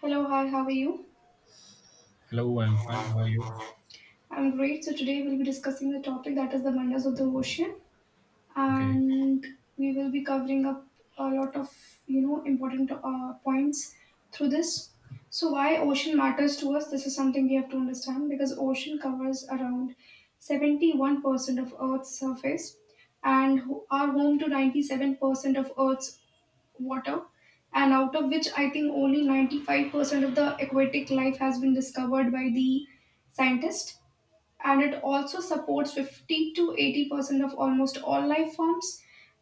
Hello, hi, how are you? Hello, I'm fine. How are you? I'm great. So, today we'll be discussing the topic that is the wonders of the ocean, Okay. and we will be covering up a lot of important points through this. So, why ocean matters to us? This is something we have to understand because ocean covers around 71% of Earth's surface and are home to 97% of Earth's water, and out of which I think only 95% of the aquatic life has been discovered by the scientists. And it also supports 50 to 80% of almost all life forms.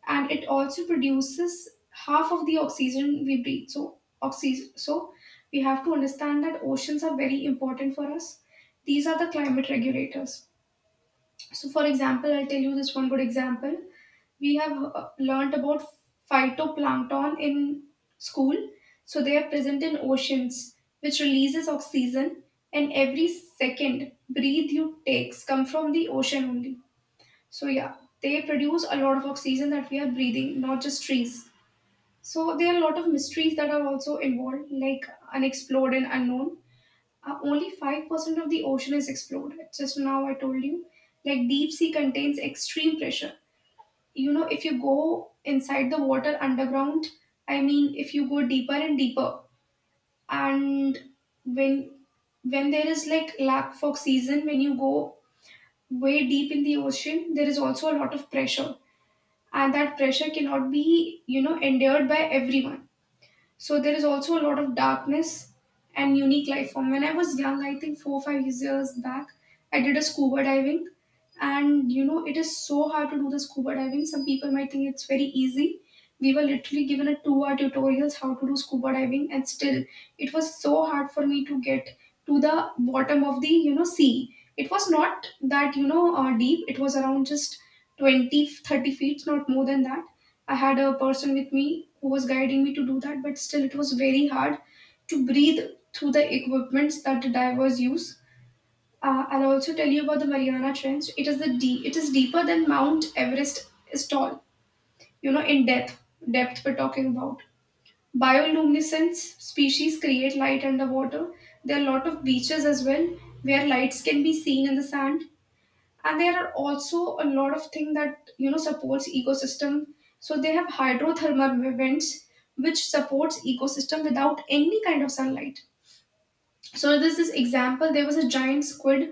And it also produces half of the oxygen we breathe. So, oxygen. So, we have to understand that oceans are very important for us. These are the climate regulators. So, for example, I'll tell you this one good example. We have learnt about phytoplankton in school. So, they are present in oceans, which releases oxygen, and every second breathe you takes come from the ocean only. So, yeah, they produce a lot of oxygen that we are breathing, not just trees. So, there are a lot of mysteries that are also involved, like unexplored and unknown. Only 5% of the ocean is explored. Just now I told you, like deep sea contains extreme pressure. You know, if you go inside the water underground, I mean, if you go deeper and deeper, and when when there is like lack for oxygen, when you go way deep in the ocean, there is also a lot of pressure, and that pressure cannot be endured by everyone, so there is also a lot of darkness and unique life form. When I was young, I think 4 or 5 years back, I did a scuba diving, and you know it is so hard to do the scuba diving. Some people might think it's very easy. We were literally given a 2 hour tutorials how to do scuba diving, and still it was so hard for me to get to the bottom of the sea. It was not that deep. It was around just 20, 30 feet, not more than that. I had a person with me who was guiding me to do that, but still it was very hard to breathe through the equipments that the divers use. I'll also tell you about the Mariana Trench. It is the deep. It is deeper than Mount Everest is tall. You know, in depth we're talking about. Bioluminescence species create light underwater. There are a lot of beaches as well where lights can be seen in the sand, and there are also a lot of things that you know supports ecosystem, so they have hydrothermal vents which supports ecosystem without any kind of sunlight. So there's this example, there was a giant squid.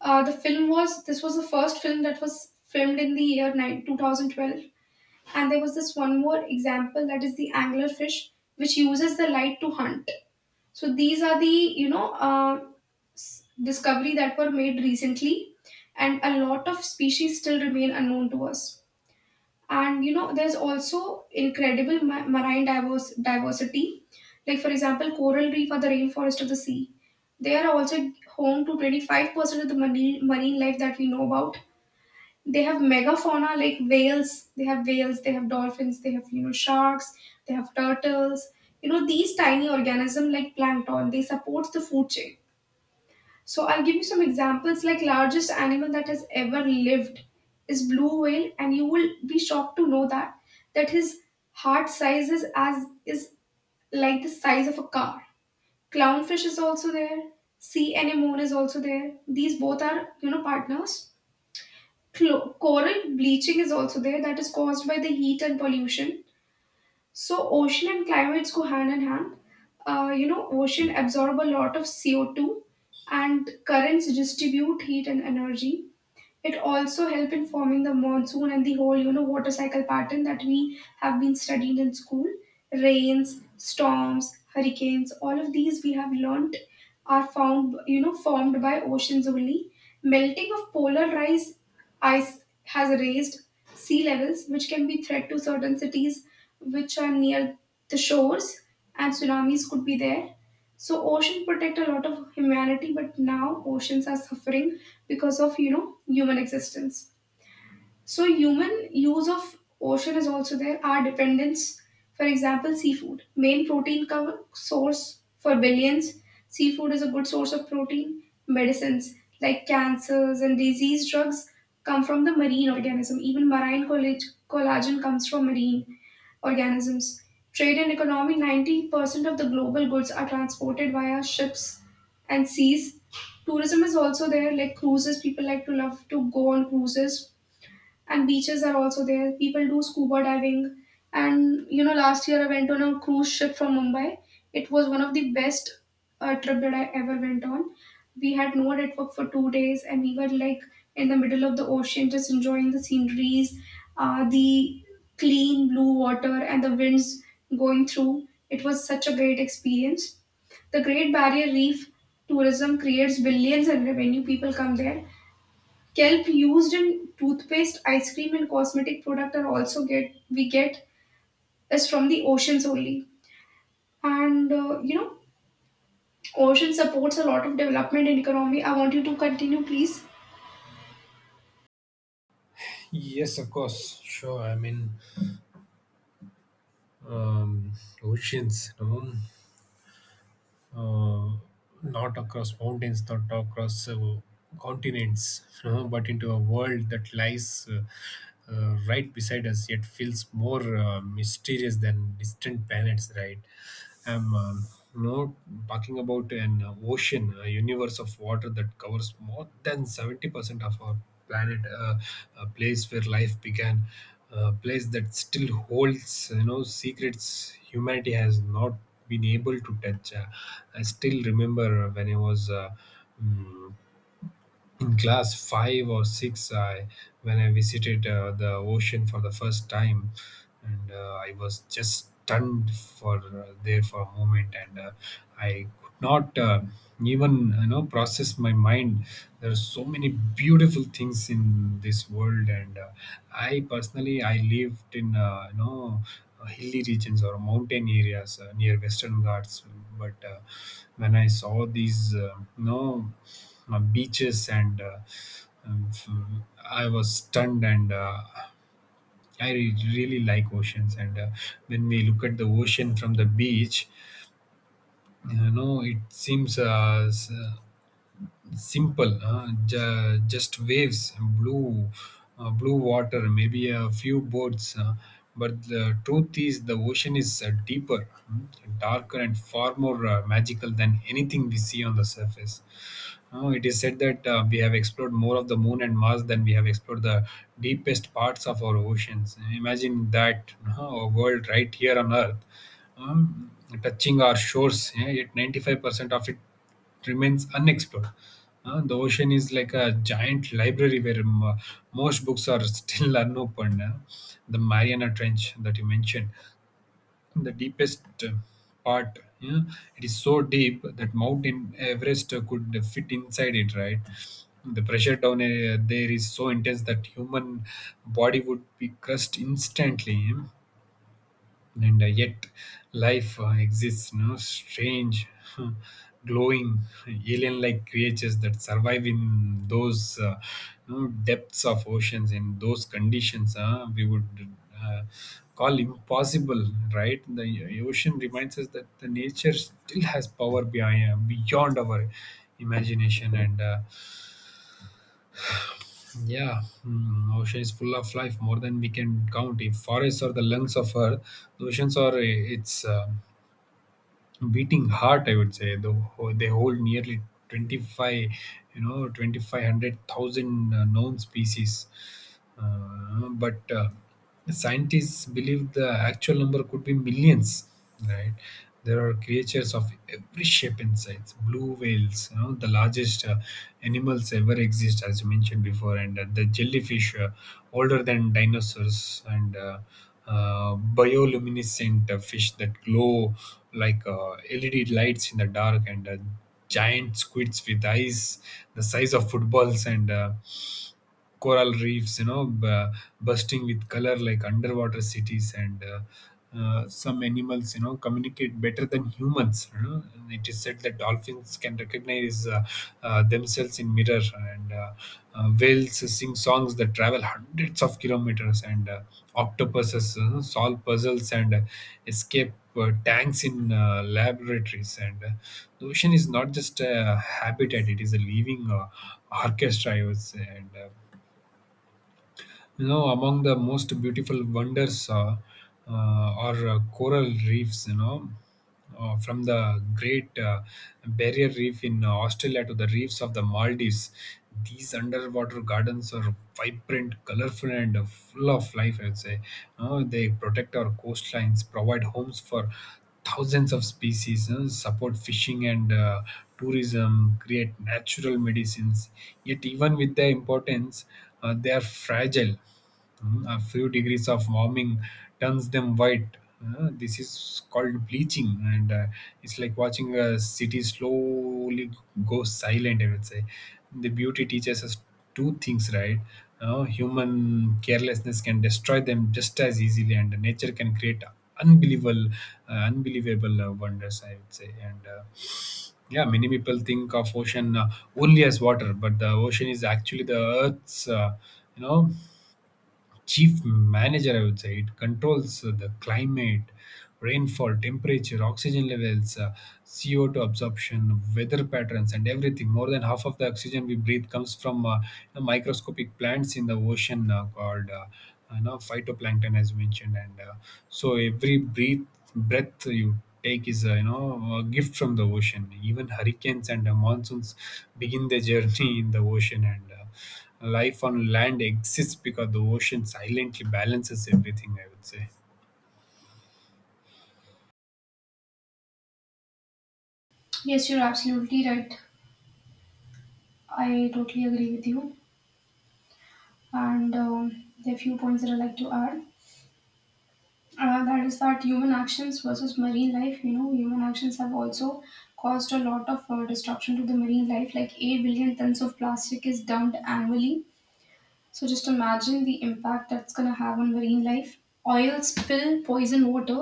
Uh, the film was this was the first film that was filmed in the year 9, 2012. And there was this one more example, that is the anglerfish, which uses the light to hunt. So these are the discovery that were made recently, and a lot of species still remain unknown to us. And you know, there's also incredible marine diverse diversity. Like for example, coral reef or the rainforest of the sea. They are also home to 25% of the marine life that we know about. They have megafauna like whales, they have whales, they have dolphins, they have you know sharks, they have turtles. You know, these tiny organisms like plankton, they support the food chain. So I'll give you some examples, like largest animal that has ever lived is blue whale, and you will be shocked to know that his heart size is as is like the size of a car. Clownfish is also there, sea anemone is also there, these both are you know partners. Coral bleaching is also there, that is caused by the heat and pollution. So ocean and climates go hand in hand. You know, ocean absorb a lot of CO2, and currents distribute heat and energy. It also help in forming the monsoon and the whole, you know, water cycle pattern that we have been studied in school. Rains, storms, hurricanes, all of these we have learnt are found, you know, formed by oceans only. Melting of polar ice has raised sea levels, which can be threat to certain cities which are near the shores, and tsunamis could be there. So ocean protect a lot of humanity, but now oceans are suffering because of you know human existence. So human use of ocean is also there. Our dependence, for example, seafood, main protein cover source for billions. Seafood is a good source of protein. Medicines like cancers and disease drugs come from the marine organism. Even collagen comes from marine organisms. Trade and economy 90% of the global goods are transported via ships and seas. Tourism is also there, like cruises. People to love to go on cruises, and beaches are also there. People do scuba diving, and you know, last year I went on a cruise ship from Mumbai. It was one of the best trip that I ever went on. We had no network for 2 days, and we were like in the middle of the ocean, just enjoying the sceneries, the clean blue water, and the winds going through. It was such a great experience. The Great Barrier Reef tourism creates billions in revenue. People come there. Kelp used in toothpaste, ice cream, and cosmetic product are also get we get is from the oceans only. And you know, ocean supports a lot of development in economy. I want you to continue, please. Yes, of course. Sure. I mean, um, oceans, no? Uh, Not across mountains, not across continents, no? But into a world that lies right beside us, yet feels more mysterious than distant planets, right? I'm you know talking about an ocean, a universe of water that covers more than 70% of our planet, a place where life began, a place that still holds secrets humanity has not been able to touch. I still remember when I was. Mm, in class 5 or 6 when I visited the ocean for the first time, and I was just stunned for there for a moment, and I could not even process my mind. There are so many beautiful things in this world, and I personally I lived in hilly regions or mountain areas near Western Ghats. But when I saw these beaches, um, f- I was stunned, and I really like oceans. And when we look at the ocean from the beach, it seems simple. Just waves, blue water, maybe a few boats. But the truth is the ocean is deeper, darker, and far more magical than anything we see on the surface. It is said that we have explored more of the moon and Mars than we have explored the deepest parts of our oceans. Imagine that. A world right here on Earth, um, touching our shores, yeah, yet 95% of it remains unexplored. The ocean is like a giant library where most books are still unopened. Yeah. The Mariana Trench that you mentioned, the deepest part, yeah, it is so deep that Mountain Everest could fit inside it, right? The pressure down there is so intense that human body would be crushed instantly. Yeah. And yet life exists, no? Strange, glowing, alien like creatures that survive in those no, depths of oceans, and those conditions we would uh, call impossible, right? The ocean reminds us that the nature still has power beyond our imagination. And yeah. Ocean is full of life, more than we can count. If forests are the lungs of Earth, the oceans are its beating heart, I would say. Though they hold nearly 25, twenty-five hundred thousand known species. But scientists believe the actual number could be millions, right? There are creatures of every shape and size: blue whales, the largest animals ever exist, as you mentioned before, and the jellyfish, older than dinosaurs, and bioluminescent fish that glow like LED lights in the dark, and giant squids with eyes the size of footballs, and coral reefs, bursting with color like underwater cities, and some animals, communicate better than humans. You know? And it is said that dolphins can recognize themselves in mirror, and whales sing songs that travel hundreds of kilometers, and octopuses, solve puzzles and escape tanks in laboratories. And the ocean is not just a habitat, it is a living orchestra, I would say. And among the most beautiful wonders uh, are coral reefs, from the Great Barrier Reef in Australia to the reefs of the Maldives. These underwater gardens are vibrant, colorful, and full of life, I would say. They protect our coastlines, provide homes for thousands of species, support fishing and tourism, create natural medicines. Yet, even with their importance, they are fragile. A few degrees of warming turns them white. This is called bleaching, and it's like watching a city slowly go silent, I would say. The beauty teaches us two things, right? Human carelessness can destroy them just as easily, and nature can create unbelievable, unbelievable wonders, I would say. And yeah, many people think of ocean only as water, but the ocean is actually the Earth's you know chief manager, I would say. It controls the climate, rainfall, temperature, oxygen levels, CO2 absorption, weather patterns, and everything. More than half of the oxygen we breathe comes from microscopic plants in the ocean called phytoplankton, as mentioned, and so every breath you take is a, you know a gift from the ocean. Even hurricanes and monsoons begin their journey in the ocean. And life on land exists because the ocean silently balances everything, I would say. Yes, you're absolutely right. I totally agree with you. And there are few points that I like to add. That is that Human actions versus marine life. You know, human actions have also caused a lot of destruction to the marine life. Like 8 billion tons of plastic is dumped annually. So just imagine the impact that's going to have on marine life. Oil spill poison water.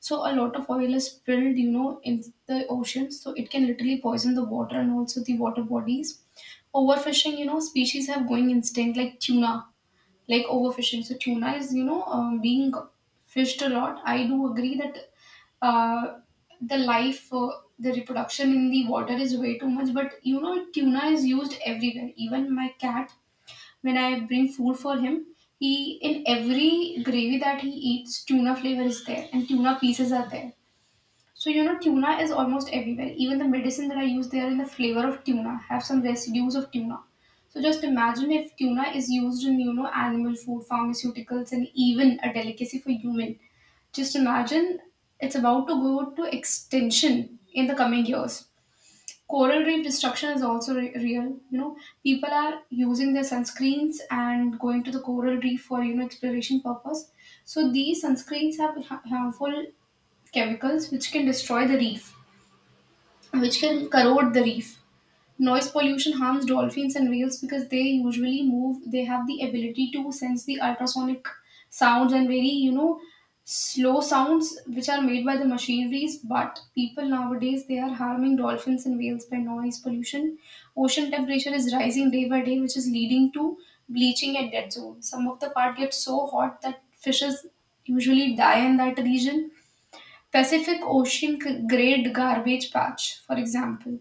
So a lot of oil is spilled, you know, in the ocean. So it can literally poison the water and also the water bodies. Overfishing, you know, species have going instinct like tuna, like overfishing. So tuna is, being fished a lot. I do agree that uh, the life, uh, the reproduction in the water is way too much. But you know, tuna is used everywhere. Even my cat, when I bring food for him, he in every gravy that he eats, tuna flavor is there and tuna pieces are there. So you know, tuna is almost everywhere. Even the medicine that I use, they are in the flavor of tuna, have some residues of tuna. So just imagine if tuna is used in you know animal food, pharmaceuticals, and even a delicacy for human. Just imagine, it's about to go to extinction in the coming years. Coral reef destruction is also real. You know, people are using their sunscreens and going to the coral reef for you know exploration purpose. So these sunscreens have harmful chemicals which can destroy the reef, which can corrode the reef. Noise pollution harms dolphins and whales because they usually move, they have the ability to sense the ultrasonic sounds and very, you know, slow sounds which are made by the machineries. But people nowadays they are harming dolphins and whales by noise pollution. Ocean temperature is rising day by day, which is leading to bleaching at dead zone. Some of the part gets so hot that fishes usually die in that region. Pacific Ocean Great Garbage Patch, for example.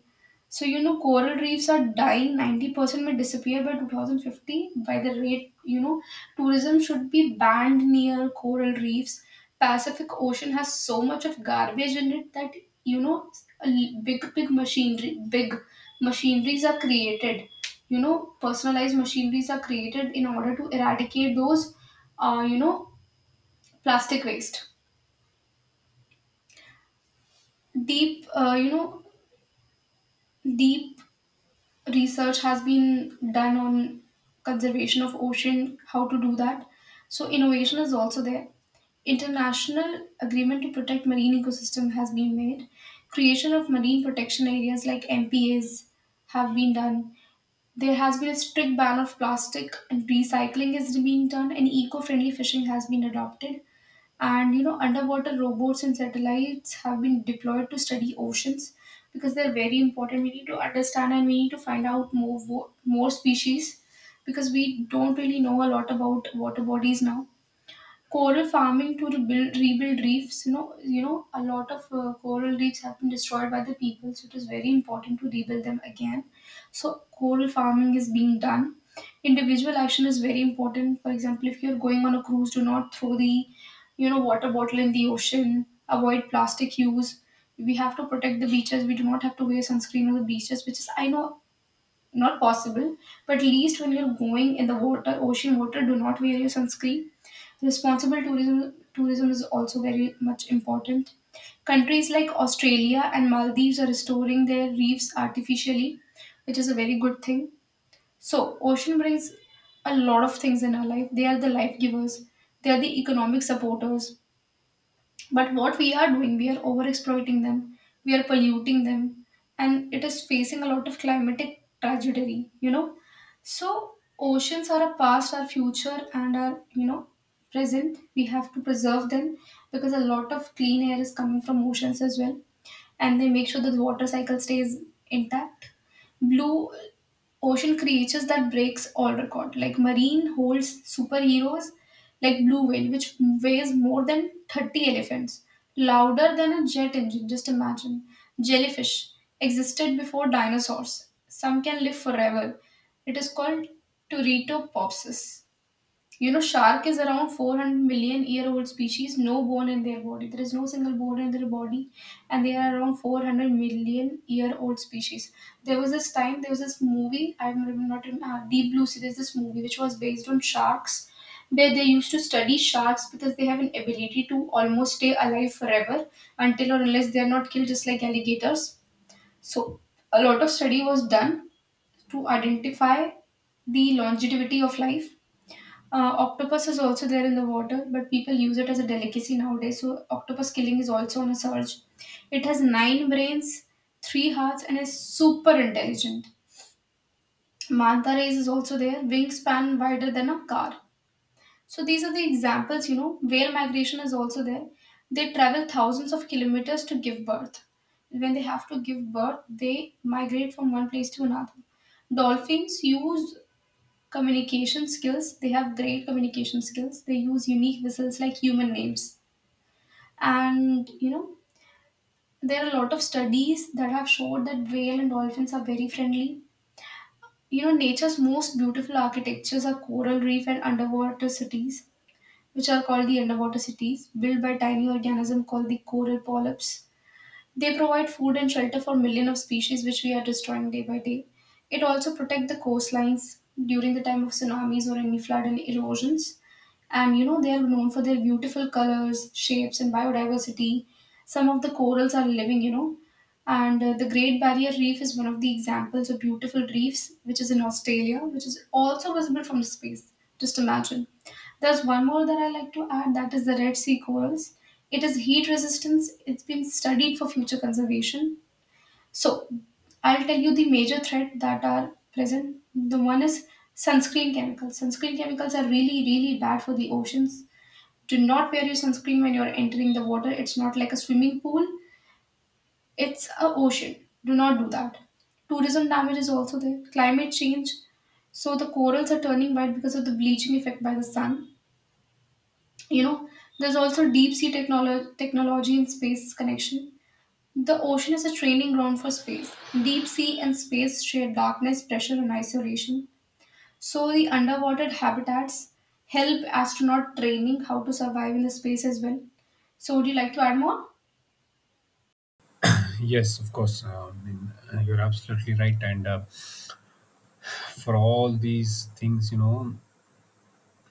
So, you know, coral reefs are dying. 90% may disappear by 2050 by the rate, you know, tourism should be banned near coral reefs. Pacific Ocean has so much of garbage in it that, you know, a big, big machinery, big machineries are created. You know, personalized machineries are created in order to eradicate those, uh, you know, plastic waste. Deep, uh, you know, Deep research has been done on conservation of ocean, how to do that. So innovation is also there. International agreement to protect marine ecosystem has been made. Creation of marine protection areas like MPAs have been done. There has been a strict ban of plastic and recycling has been done and eco-friendly fishing has been adopted. And you know underwater robots and satellites have been deployed to study oceans because they're very important. We need to understand and we need to find out more species because we don't really know a lot about water bodies now. Coral farming to rebuild reefs. You know, a lot of coral reefs have been destroyed by the people, so it is very important to rebuild them again. So coral farming is being done. Individual action is very important. For example, if you're going on a cruise, do not throw the, water bottle in the ocean. Avoid plastic use. We have to protect the beaches. We do not have to wear sunscreen on the beaches, which is I know not possible, but at least when you're going in the water, ocean water, do not wear your sunscreen. Responsible tourism is also very much important. Countries like Australia and Maldives are restoring their reefs artificially, which is a very good thing. So, ocean brings a lot of things in our life. They are the life givers, they are the economic supporters, but what we are doing, we are overexploiting them, we are polluting them, and it is facing a lot of climatic tragedy. So, oceans are our past, our future, and our present. We have to preserve them because a lot of clean air is coming from oceans as well, and they make sure that the water cycle stays intact. Blue ocean creatures that breaks all record like marine holds superheroes like blue whale which weighs more than 30 elephants, louder than a jet engine. Just imagine. Jellyfish existed before dinosaurs, some can live forever. It is called Turritopopsis. Shark is around 400 million year old species, no bone in their body. There is no single bone in their body, and they are around 400 million year old species. There was this time, there was this movie, not in Deep Blue Sea, there's this movie which was based on sharks, where they used to study sharks because they have an ability to almost stay alive forever until or unless they are not killed, just like alligators. So, a lot of study was done to identify the longevity of life. Octopus is also there in the water, but people use it as a delicacy nowadays. So octopus killing is also on a surge. It has nine brains, three hearts, and is super intelligent. Manta rays is also there, wingspan wider than a car. So these are the examples. Whale migration is also there. They travel thousands of kilometers to give birth. When they have to give birth, they migrate from one place to another. Dolphins use communication skills. They have great communication skills. They use unique whistles like human names. And you know, there are a lot of studies that have showed that whale and dolphins are very friendly. Nature's most beautiful architectures are coral reef and underwater cities, which are called the underwater cities, built by tiny organisms called the coral polyps. They provide food and shelter for millions of species which we are destroying day by day. It also protects the coastlines during the time of tsunamis or any flood and erosions. They are known for their beautiful colors, shapes, and biodiversity. Some of the corals are living. And the Great Barrier Reef is one of the examples of beautiful reefs, which is in Australia, which is also visible from the space. Just imagine. There's one more that I like to add, that is the Red Sea corals. It is heat resistance. It's been studied for future conservation. So I'll tell you the major threat that are present. The one is sunscreen chemicals. Sunscreen chemicals are really, really bad for the oceans. Do not wear your sunscreen when you're entering the water. It's not like a swimming pool, it's a ocean. Do not do that. Tourism damage is also there. Climate change. So the corals are turning white because of the bleaching effect by the sun. You know, there's also deep sea technology and space connection. The ocean is a training ground for space. Deep sea and space share darkness, pressure, and isolation. So, the underwater habitats help astronaut training how to survive in the space as well. So, would you like to add more? Yes, of course. I mean, you're absolutely right. And for all these things,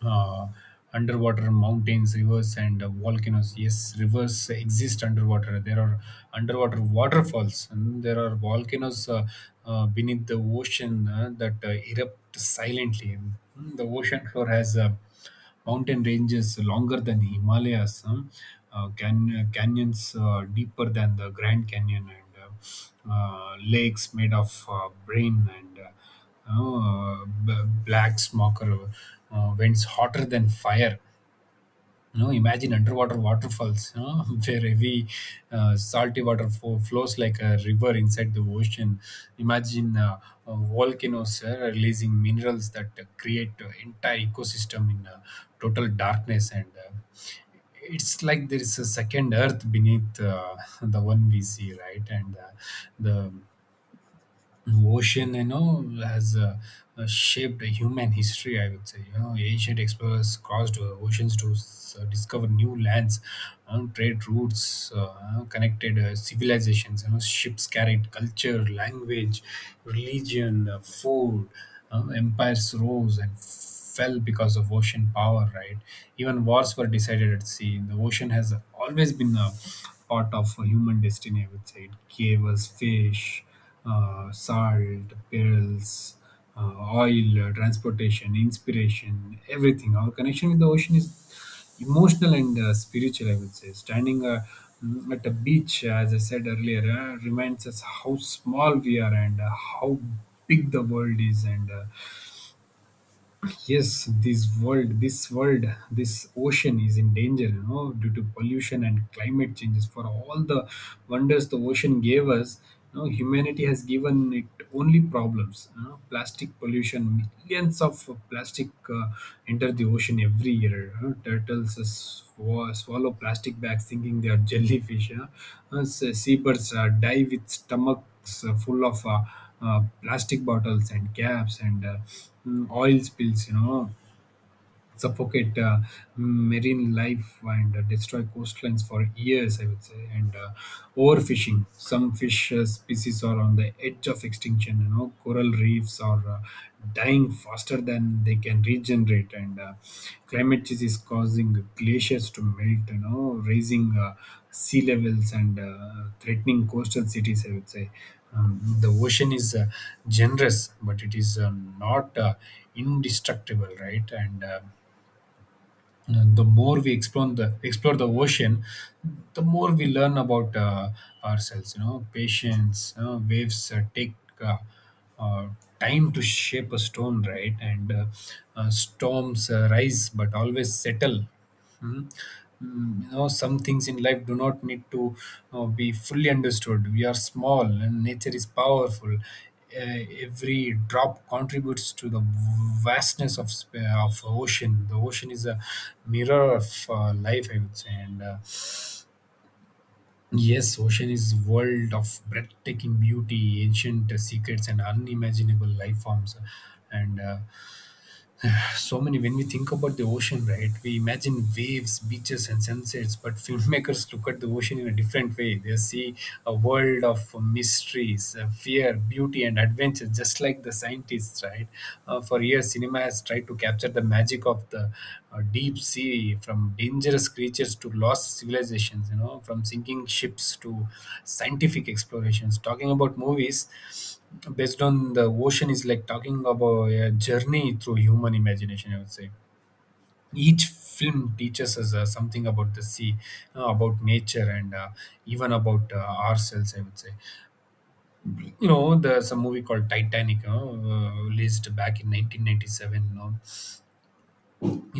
uh, underwater mountains, rivers, and volcanoes. Yes, rivers exist underwater. There are underwater waterfalls, and there are volcanoes beneath the ocean that erupt silently. The ocean floor has mountain ranges longer than Himalayas, huh? Canyons deeper than the Grand Canyon, and lakes made of brain, and black smoker winds hotter than fire. Imagine underwater waterfalls, where heavy salty water flows like a river inside the ocean. Imagine volcanoes releasing minerals that create entire ecosystem in total darkness. And it's like there is a second Earth beneath the one we see, right? And the ocean, has shaped human history, I would say. Ancient explorers crossed oceans to discover new lands. Trade routes connected civilizations. Ships carried culture, language, religion, food. Empires rose and fell because of ocean power, right? Even wars were decided at sea. The ocean has always been a part of human destiny, I would say. It gave us fish, salt, perils, uh, oil, transportation, inspiration, everything. Our connection with the ocean is emotional and spiritual, I would say. Standing at a beach, as I said earlier, reminds us how small we are, and how big the world is. And yes, this ocean is in danger, due to pollution and climate changes. For all the wonders the ocean gave us, humanity has given it only problems. You know, plastic pollution, millions of plastic enter the ocean every year. You know, turtles swallow plastic bags thinking they are jellyfish. You know, seabirds die with stomachs full of plastic bottles and caps. And oil spills, suffocate marine life and destroy coastlines for years, I would say. And overfishing, some fish species are on the edge of extinction. You know, coral reefs are dying faster than they can regenerate, and climate change is causing glaciers to melt, you know, raising sea levels and threatening coastal cities, I would say. The ocean is generous, but it is not indestructible, right? And the more we explore the ocean, the more we learn about ourselves. You know, patience. You know, waves take uh, uh, time to shape a stone, right? And storms rise but always settle. Hmm? You know, some things in life do not need to be fully understood. We are small and nature is powerful. Every drop contributes to the vastness of ocean. The ocean is a mirror of life, I would say. And yes, ocean is world of breathtaking beauty, ancient secrets, and unimaginable life forms. And so many when we think about the ocean, right, we imagine waves, beaches, and sunsets. But filmmakers look at the ocean in a different way. They see a world of mysteries, fear, beauty, and adventure, just like the scientists, right? For years cinema has tried to capture the magic of the deep sea, from dangerous creatures to lost civilizations, from sinking ships to scientific explorations. Talking about movies based on the ocean is like talking about a journey through human imagination, I would say. Each film teaches us something about the sea, about nature, and even about ourselves, I would say. You know, there's a movie called Titanic, released back in 1997. You know.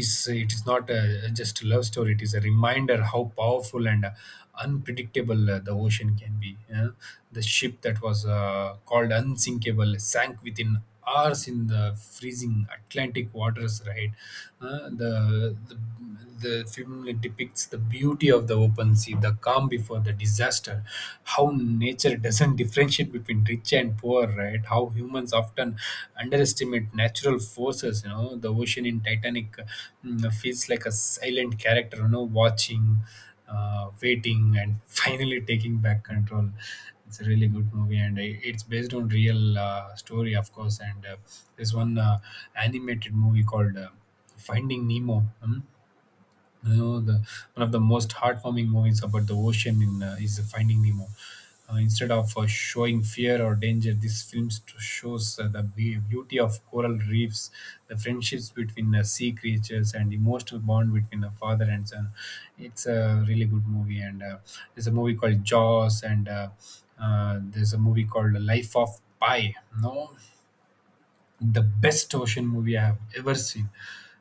Is it is not a, just a love story. It is a reminder how powerful and unpredictable the ocean can be, yeah? The ship that was called unsinkable sank within hours in the freezing Atlantic waters, right? Uh, the, the the film depicts the beauty of the open sea, the calm before the disaster, how nature doesn't differentiate friendship between rich and poor, right? How humans often underestimate natural forces. The ocean in Titanic, mm, feels like a silent character. You know, watching, waiting, and finally taking back control. It's a really good movie, and it's based on real story, of course. And There's one animated movie called Finding Nemo. Hmm? You know the one of the most heartwarming movies about the ocean in is Finding Nemo. Instead of showing fear or danger, this film shows the beauty of coral reefs, the friendships between sea creatures, and emotional bond between a father and son. It's a really good movie, and there's a movie called Jaws, and there's a movie called Life of Pi. No, the best ocean movie I have ever seen.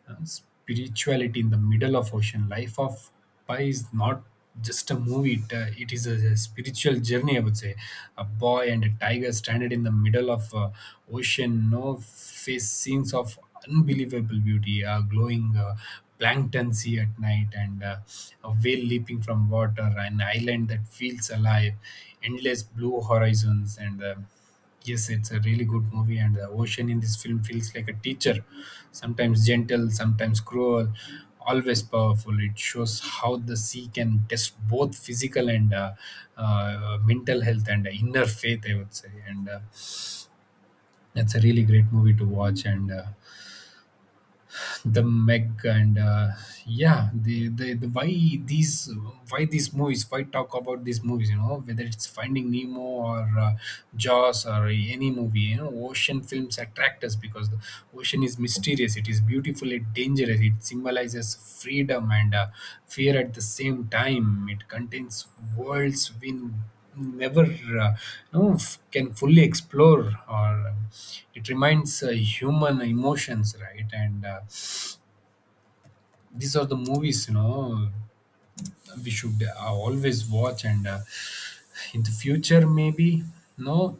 Spirituality in the middle of ocean. Life of Pi is not just a movie, it is a spiritual journey, I would say. A boy and a tiger stranded in the middle of ocean, no face scenes of unbelievable beauty. A glowing plankton sea at night, and a whale leaping from water, an island that feels alive, endless blue horizons, and yes, it's a really good movie, and the ocean in this film feels like a teacher, sometimes gentle, sometimes cruel, always powerful. It shows how the sea can test both physical and mental health and inner faith, I would say. And That's a really great movie to watch. And The Meg, and yeah, the why these, why these movies, why talk about these movies? You know, whether it's Finding Nemo or Jaws or any movie, you know, ocean films attract us because the ocean is mysterious, it is beautiful, it dangerous, it symbolizes freedom and fear at the same time. It contains worlds we never can fully explore, or it reminds human emotions, right? and These are the movies, you know, we should always watch, and in the future, maybe, no,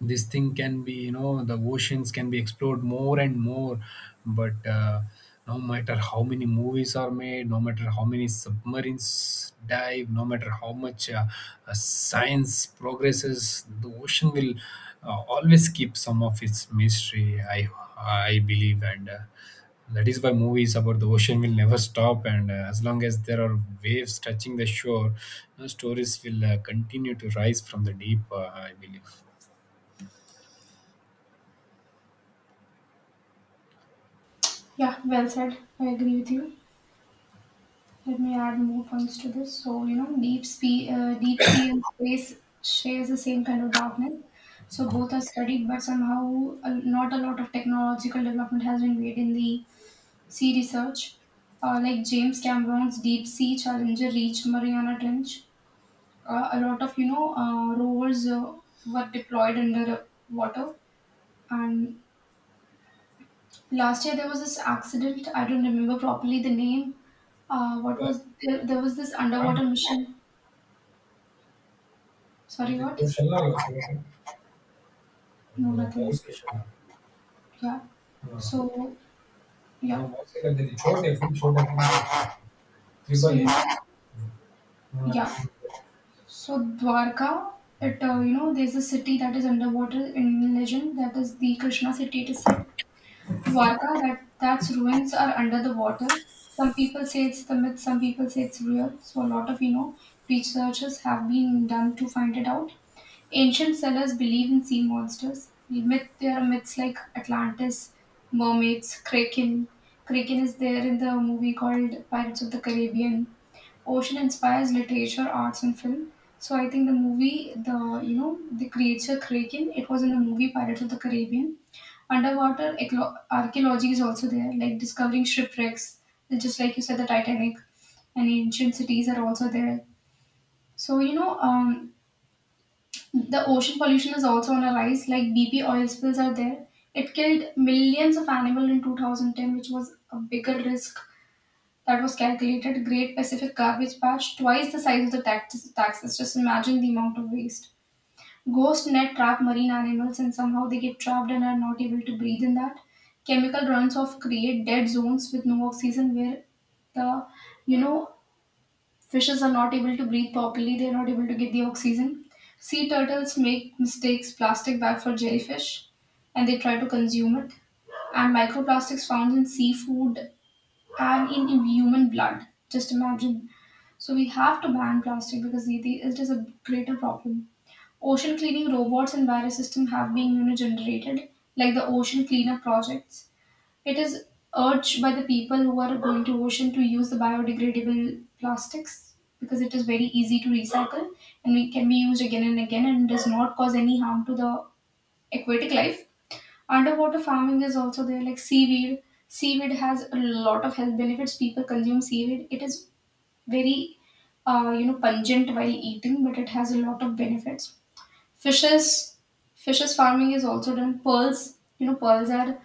this thing can be, you know, the oceans can be explored more and more. But No matter how many movies are made, no matter how many submarines dive, no matter how much science progresses, the ocean will always keep some of its mystery, I believe. And That is why movies about the ocean will never stop, and as long as there are waves touching the shore, you know, stories will continue to rise from the deep, I believe. Yeah, well said. I agree with you. Let me add more points to this. So, deep sea and space shares the same kind of darkness. So, both are studied, but somehow not a lot of technological development has been made in the sea research. Like James Cameron's Deep Sea Challenger reached Mariana Trench. A lot of, rovers were deployed under water. And last year there was this accident. I don't remember properly the name. What was there, there was this underwater Anche. mission. Sorry, जैसे what? जो छल्ला होगा छोटे अ, No, house nothing. के छल्ला. Yeah. हाँ, So, हाँ, yeah. House के कर देती छोटे फुल छोटे तीन house So, triple you A. know, हाँ. yeah. So, Dwarka, there's a city that is underwater in legend, that is the Krishna city, it is said. Dwarka, that's ruins are under the water. Some people say it's the myth, some people say it's real. So, a lot of, researches have been done to find it out. Ancient sellers believe in sea monsters. Myth, there are myths like Atlantis, mermaids, Kraken. Kraken is there in the movie called Pirates of the Caribbean. Ocean inspires literature, arts, and film. So I think the movie, the creature Kraken, it was in the movie Pirates of the Caribbean. Underwater archaeology is also there, like discovering shipwrecks, just like you said, the Titanic, and ancient cities are also there. So the ocean pollution is also on a rise, like BP oil spills are there. It killed millions of animals in 2010, which was a bigger risk that was calculated. Great Pacific Garbage Patch, twice the size of the taxes. Just imagine the amount of waste. Ghost net trap marine animals, and somehow they get trapped and are not able to breathe in that. Chemical runs off create dead zones with no oxygen where the you know fishes are not able to breathe properly, they are not able to get the oxygen. Sea turtles make mistakes plastic bag for jellyfish, and they try to consume it. And microplastics found in seafood and in human blood. Just imagine. So we have to ban plastic because it is a greater problem. Ocean cleaning robots and virus system have been, generated, like the ocean cleanup projects. It is urged by the people who are going to ocean to use the biodegradable plastics, because it is very easy to recycle and it can be used again and again and does not cause any harm to the aquatic life. Underwater farming is also there, like seaweed. Seaweed has a lot of health benefits. People consume seaweed. It is very, pungent while eating, but it has a lot of benefits. Fishes, fishes farming is also done. Pearls, pearls are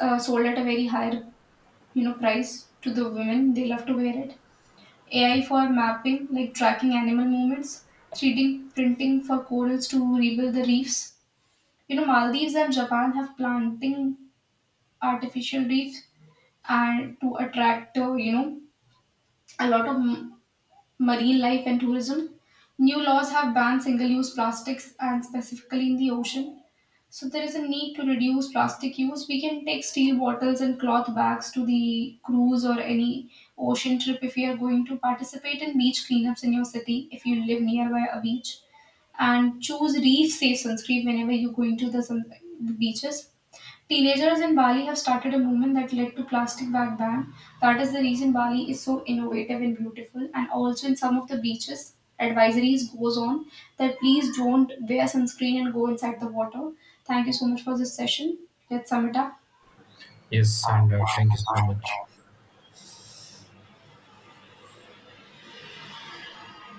sold at a very higher prize to the women, they love to wear it. AI for mapping, like tracking animal movements. 3D printing for corals to rebuild the reefs. Maldives and Japan have planting artificial reefs and to attract a lot of marine life and tourism. New laws have banned single use plastics, and specifically in the ocean. So there is a need to reduce plastic use. We can take steel bottles and cloth bags to the cruise or any ocean trip, if you are going to participate in beach cleanups in your city if you live nearby a beach, and choose reef safe sunscreen whenever you're going to the, the beaches. Teenagers in Bali have started a movement that led to plastic bag ban. That is the reason Bali is so innovative and beautiful. And also in some of the beaches, advisories goes on that please don't wear sunscreen and go inside the water. Thank you so much for this session. Let's sum it up. Yes, and thank you so much.